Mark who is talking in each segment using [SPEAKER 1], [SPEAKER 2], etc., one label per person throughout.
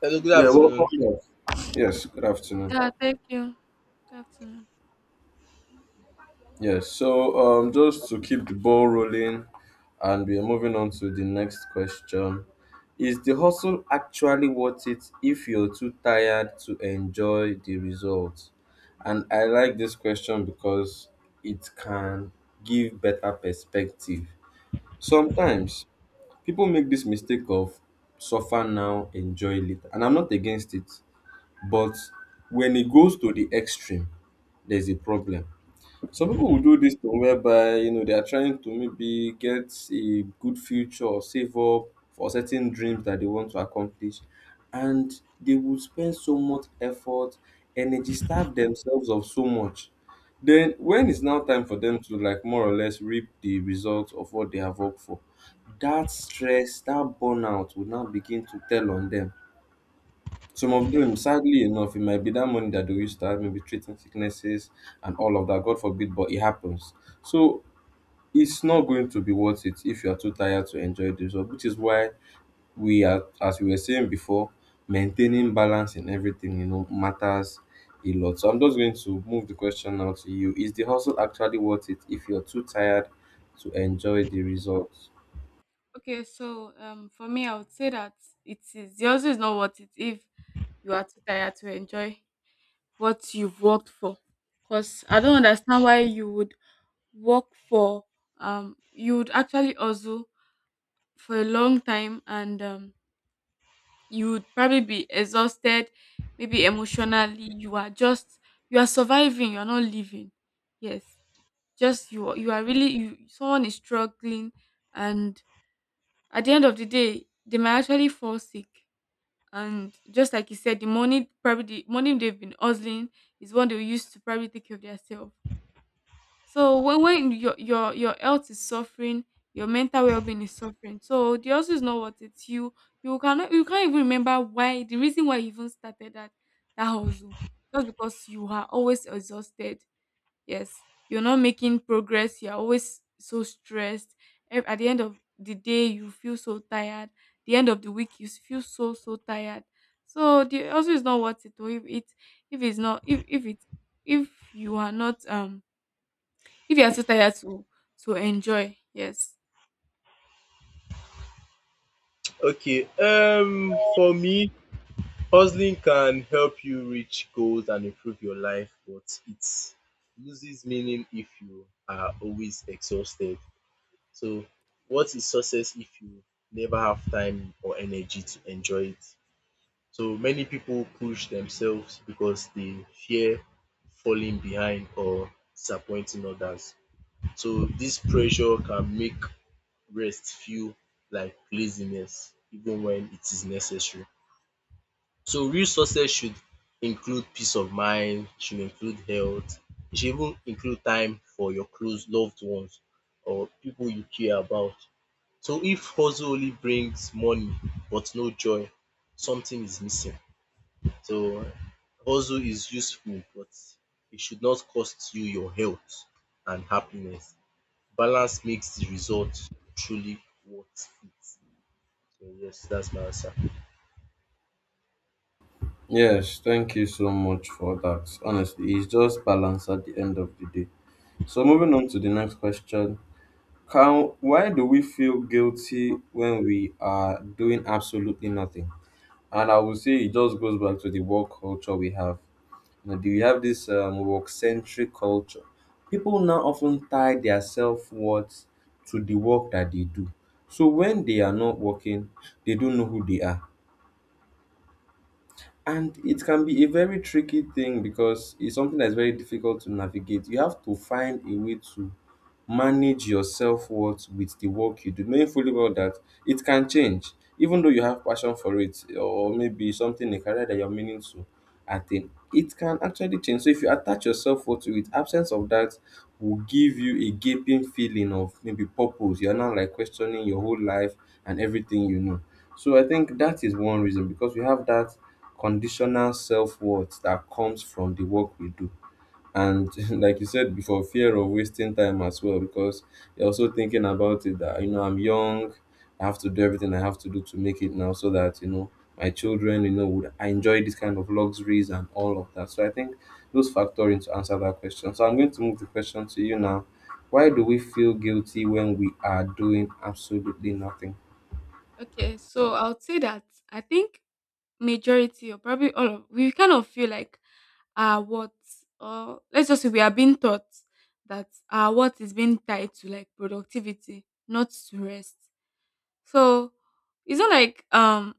[SPEAKER 1] Hello, good
[SPEAKER 2] Yeah, welcome
[SPEAKER 1] afternoon.
[SPEAKER 2] back. Yes, yes, good afternoon.
[SPEAKER 3] Yeah, thank you. Good afternoon.
[SPEAKER 2] Yes, so just to keep the ball rolling, and we are moving on to the next question. Is the hustle actually worth it if you're too tired to enjoy the result? And I like this question because it can give better perspective. Sometimes people make this mistake of suffer now, enjoy later, and I'm not against it, but when it goes to the extreme, there's a problem. Some people will do this thing whereby you know they are trying to maybe get a good future or save up for certain dreams that they want to accomplish, and they will spend so much effort, energy, starve themselves of so much. Then when it's now time for them to like more or less reap the results of what they have worked for, that stress, that burnout will now begin to tell on them some of them, sadly enough, it might be that money that they used to have, maybe treating sicknesses and all of that. God forbid, but it happens. So it's not going to be worth it if you are too tired to enjoy the result, which is why we are, as we were saying before, maintaining balance in everything, you know, matters a lot. So I'm just going to move the question now to you. Is the hustle actually worth it if you're too tired to enjoy the results?
[SPEAKER 3] Okay, for me, I would say that it is the hustle is not worth it if you are too tired to enjoy what you've worked for. Cause I don't understand why you would work for you would actually hustle for a long time and you would probably be exhausted, maybe emotionally. You are surviving. You are not living. Yes, just you. You are really you. Someone is struggling, and at the end of the day, they might actually fall sick. And just like you said, the money probably the money they've been hustling is what they use to probably take care of themselves. So when your health is suffering, your mental well being is suffering. So the hustle is not worth it. You cannot you can't even remember why the reason why you even started that hustle. Just because you are always exhausted. Yes, you're not making progress. You're always so stressed. At the end of the day, you feel so tired. The end of the week, you feel so tired. So the also is not worth it. Or if it if it's not if if it if you are not if you are too tired to enjoy. Yes.
[SPEAKER 1] Okay, for me, hustling can help you reach goals and improve your life, but it loses meaning if you are always exhausted. So, what is success if you never have time or energy to enjoy it? So, many people push themselves because they fear falling behind or disappointing others. So, this pressure can make rest feel like laziness even when it is necessary. So real success should include peace of mind, should include health, e should even include time for your close loved ones or people you care about. So if hustle only brings money but no joy, something is missing. So hustle is useful but it should not cost you your health and happiness. Balance makes the result truly worth it. So yes, that's my answer.
[SPEAKER 2] Yes, thank you so much for that. Honestly, it's just balance at the end of the day. So moving on to the next question. Can why do we feel guilty when we are doing absolutely nothing? And I would say it just goes back to the work culture we have. You know, do you have this work centric culture? People now often tie their self worth to the work that they do. So when they are not working, they don't know who they are. And it can be a very tricky thing because it's something that's very difficult to navigate. You have to find a way to manage your self-worth with the work you do, knowing fully well that it can change. Even though you have passion for it or maybe something a career that you're meaning to attain, it can actually change. So if you attach your self-worth to it, absence of that will give you a gaping feeling of maybe purpose. You're now like questioning your whole life and everything you know. So I think that is one reason because we have that conditional self-worth that comes from the work we do and like you said before, fear of wasting time as well because you're also thinking about it that you know I'm young, I have to do everything I have to do to make it now so that you know my children you know would I enjoy this kind of luxuries and all of that. So I think those factor in to answer that question. So I'm going to move the question to you now. Why do we feel guilty when we are doing absolutely nothing?
[SPEAKER 3] Okay. So I would say that I think majority or probably all of we kind of feel like our what or let's just say we are being taught that our what is being tied to like productivity, not to rest. So it's not like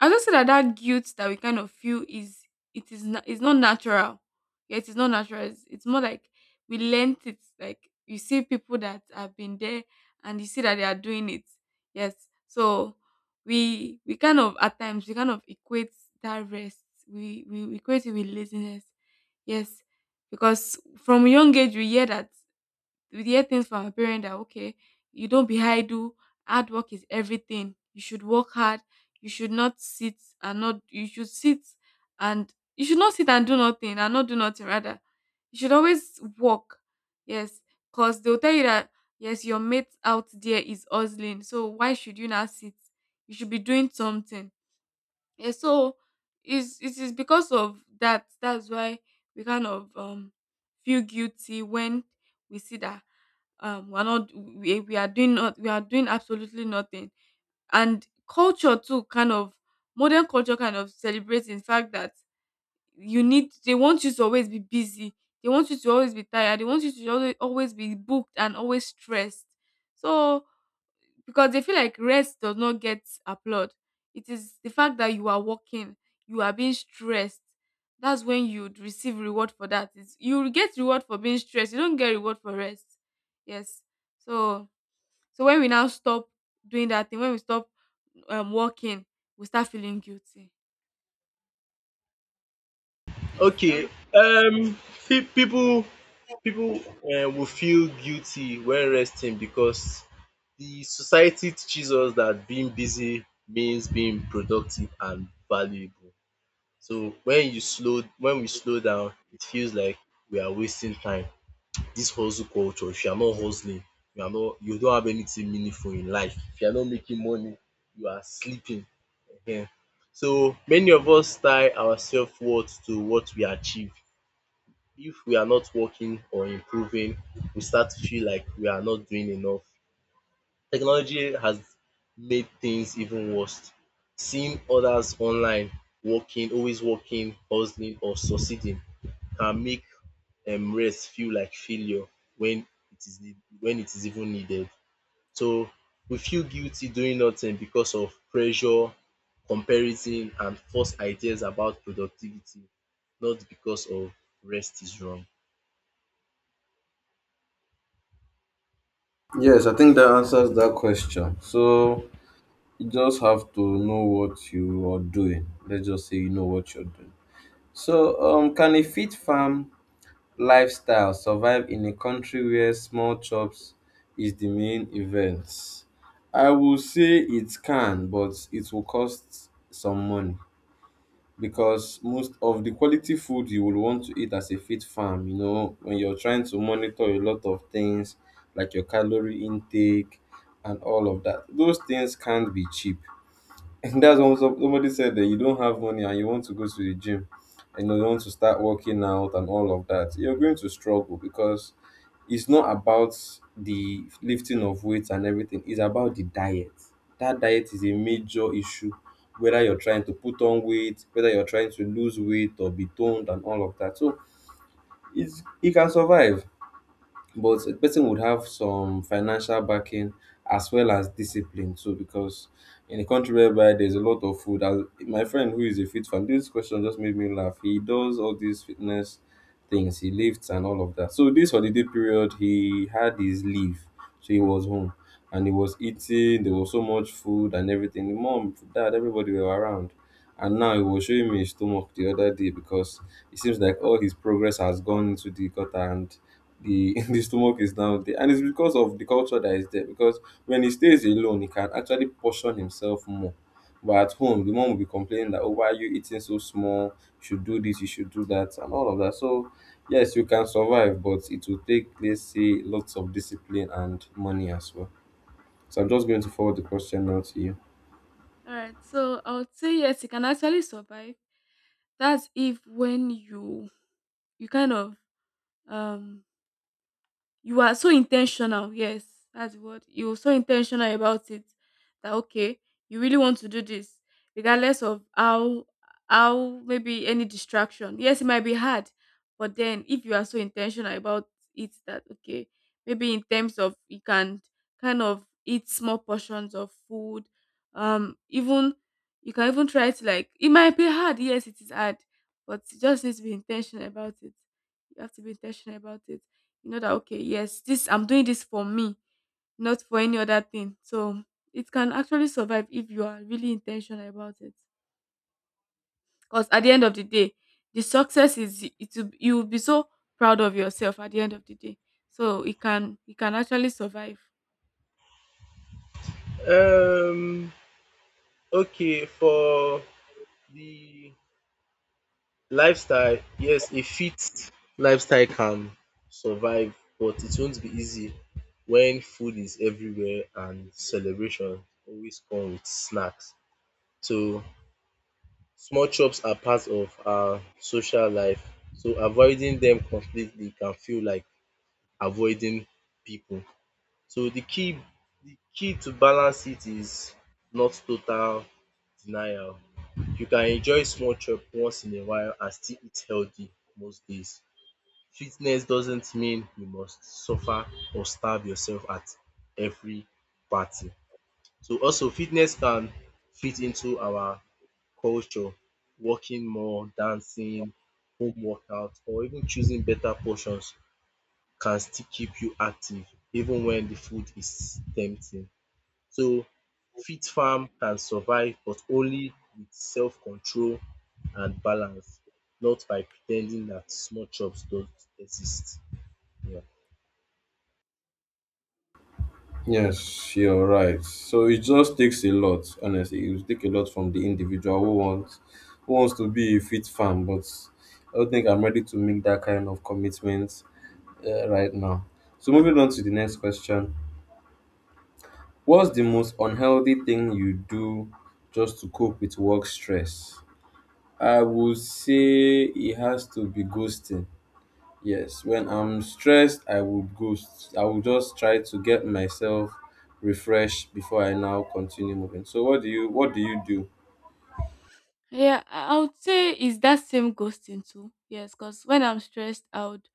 [SPEAKER 3] I just say that that guilt that we kind of feel is it is not it's not natural. Yeah, it is not natural. It's more like we learnt it. Like you see people that have been there and you see that they are doing it. Yes. So we kind of at times we kind of equate that rest. We equate it with laziness. Yes. Because from young age we hear things from our parents that okay, you don't be idle, hard work is everything. You should work hard. You should not sit and not. You should sit and you should not sit and do nothing rather. You should always work. Yes, cause they'll tell you that yes, your mate out there is hustling. So why should you not sit? You should be doing something. Yeah, so it is because of that. That's why we kind of feel guilty when we see that we're not we, we are doing not we are doing absolutely nothing. And culture too kind of modern culture kind of celebrates in fact that you need they want you to always be busy. They want you to always be tired. They want you to always be booked and always stressed. So because they feel like rest does not get applaud. It is the fact that you are working, you are being stressed. That's when you'd receive reward for that. It's, You will get reward for being stressed. You don't get reward for rest. Yes. So so when we now stop doing that thing, when we stop working, we start feeling guilty. Yes. That's
[SPEAKER 1] Okay.
[SPEAKER 3] what-
[SPEAKER 1] Um, fe- people, people will feel guilty when resting because the society teaches us that being busy means being productive and valuable. So when we slow down, it feels like we are wasting time. This hustle culture. If you are not hustling, you are not. You don't have anything meaningful in life. If you are not making money, you are sleeping. Yeah. So many of us tie our self-worth to what we achieve. If we are not working or improving, we start to feel like we are not doing enough. Technology has made things even worse. Seeing others online working, always working, hustling or succeeding can make rest feel like failure when it is when it is even needed. So we feel guilty doing nothing because of pressure, comparison and false ideas about productivity, not because of rest is wrong.
[SPEAKER 2] Yes, I think that answers that question. So you just have to know what you are doing. Let's just say you know what you're doing. So, can a fit farm lifestyle survive in a country where small chops is the main event? I will say it can, but it will cost some money because most of the quality food you will want to eat as a fit farm, you know, when you're trying to monitor a lot of things like your calorie intake and all of that, those things can't be cheap. That's what somebody said that you don't have money and you want to go to the gym and you want to start working out and all of that. You're going to struggle because it's not about the lifting of weights and everything, it's about the diet. That diet is a major issue, whether you're trying to put on weight, whether you're trying to lose weight or be toned and all of that. So it's, you can survive but a person would have some financial backing as well as discipline too because in a country whereby there's a lot of food, as my friend who is a fit fan, this question just made me laugh. He does all these fitness things, he lifts and all of that. So this holiday period he had his leave, so he was home and he was eating. There was so much food and everything, the mom, dad, everybody were around, and now he was showing me his stomach the other day because it seems like all his progress has gone into the gutter, and the the stomach is down there, and it's because of the culture that is there because when he stays alone he can actually portion himself more, but at home the mom will be complaining that, oh, why are you eating so small, you should do this, you should do that and all of that. So yes, you can survive, but it will take, let's say, lots of discipline and money as well. So I'm just going to forward the question now to you.
[SPEAKER 3] all right. So I would say yes, you can actually survive. That's if when you kind of um you are so intentional, yes, that's what you're so intentional about it that okay you really want to do this regardless of how maybe any distraction, yes it might be hard, but then if you are so intentional about it that okay maybe in terms of you can kind of eat small portions of food, even you can even try to like, it might be hard, yes it is hard, but you just need to be intentional about it. You have to be intentional about it. You know that okay yes this I'm doing this for me, not for any other thing. So it can actually survive if you are really intentional about it, because at the end of the day the success is it will, you will be so proud of yourself at the end of the day. So it can actually survive.
[SPEAKER 1] Um okay, for the lifestyle, yes, a fit lifestyle can survive but it won't be easy when food is everywhere and celebration always come with snacks. So small chops are part of our social life, so avoiding them completely can feel like avoiding people. So the key to balance it is not total denial. You can enjoy small chop once in a while and still eat healthy most days. Fitness doesn't mean you must suffer or starve yourself at every party. So also fitness can fit into our culture, working more, dancing, home workout, or even choosing better portions can still keep you active even when the food is tempting. So fit farm can survive but only with self control and balance, not by pretending that small chops don't exist. Yeah.
[SPEAKER 2] Yes, you're right. So it just takes a lot, honestly. It will take a lot from the individual who wants to be a fit fan, but I don't think I'm ready to make that kind of commitment right now. So moving on to the next question. What's the most unhealthy thing you do just to cope with work stress? I would say it has to be ghosting. Yes, when I'm stressed, I would go. I will just try to get myself refreshed before I now continue moving. So, what do you do?
[SPEAKER 3] Yeah, I would say it's that same ghosting too, yes, because when I'm stressed I would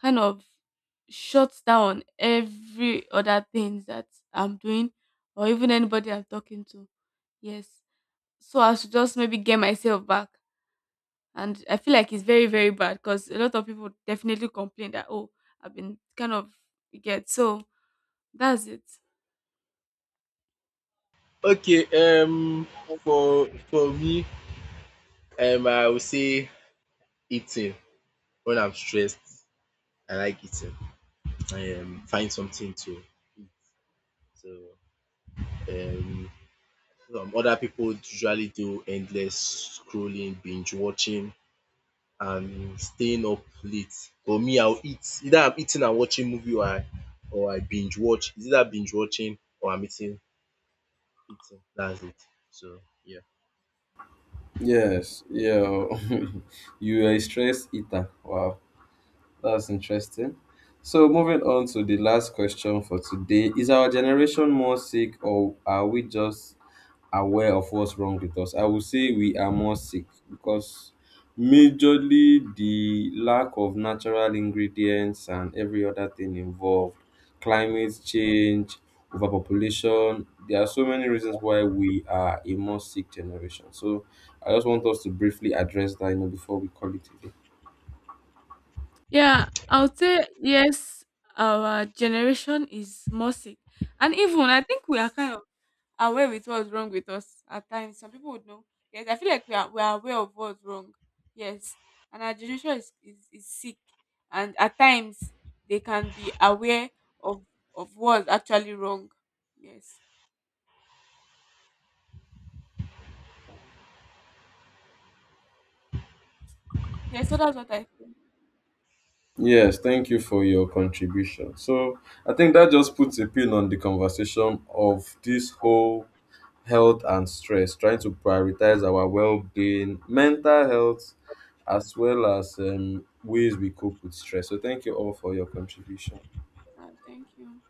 [SPEAKER 3] kind of shut down every other things that I'm doing or even anybody I'm talking to. Yes. So I should just maybe get myself back. And I feel like it's very, very bad because a lot of people definitely complain that, oh, I've been kind of, you get. So that's it.
[SPEAKER 1] Okay, um for me, I would say eating. When I'm stressed, I like eating. Find something to eat. So um, some other people usually do endless scrolling, binge watching, and staying up late. For me, I'll eat. Either I'm eating and watching movie, or I binge watch. It's either binge watching or I'm eating. Eating. That's it. So yeah.
[SPEAKER 2] Yes, yeah, you are a stress eater. Wow, that's interesting. So, moving on to the last question for today: is our generation more sick, or are we just aware of what's wrong with us? I would say we are more sick because majorly the lack of natural ingredients and every other thing involved, climate change, overpopulation. There are so many reasons why we are a more sick generation. So I just want us to briefly address that, you know, before we call it a day.
[SPEAKER 3] Yeah, I would say yes, our generation is more sick. And even I think we are kind of aware with what's wrong with us at times. Some people would know. Yes, I feel like we are aware of what's wrong. Yes. And our generation is sick. And at times they can be aware of of what's actually wrong. Yes. Yes, so that's what I feel.
[SPEAKER 2] Yes, thank you for your contribution. So I think that just puts a pin on the conversation of this whole health and stress, trying to prioritize our well being, mental health, as well as ways we cope with stress. So, thank you all for your contribution.
[SPEAKER 3] Thank you.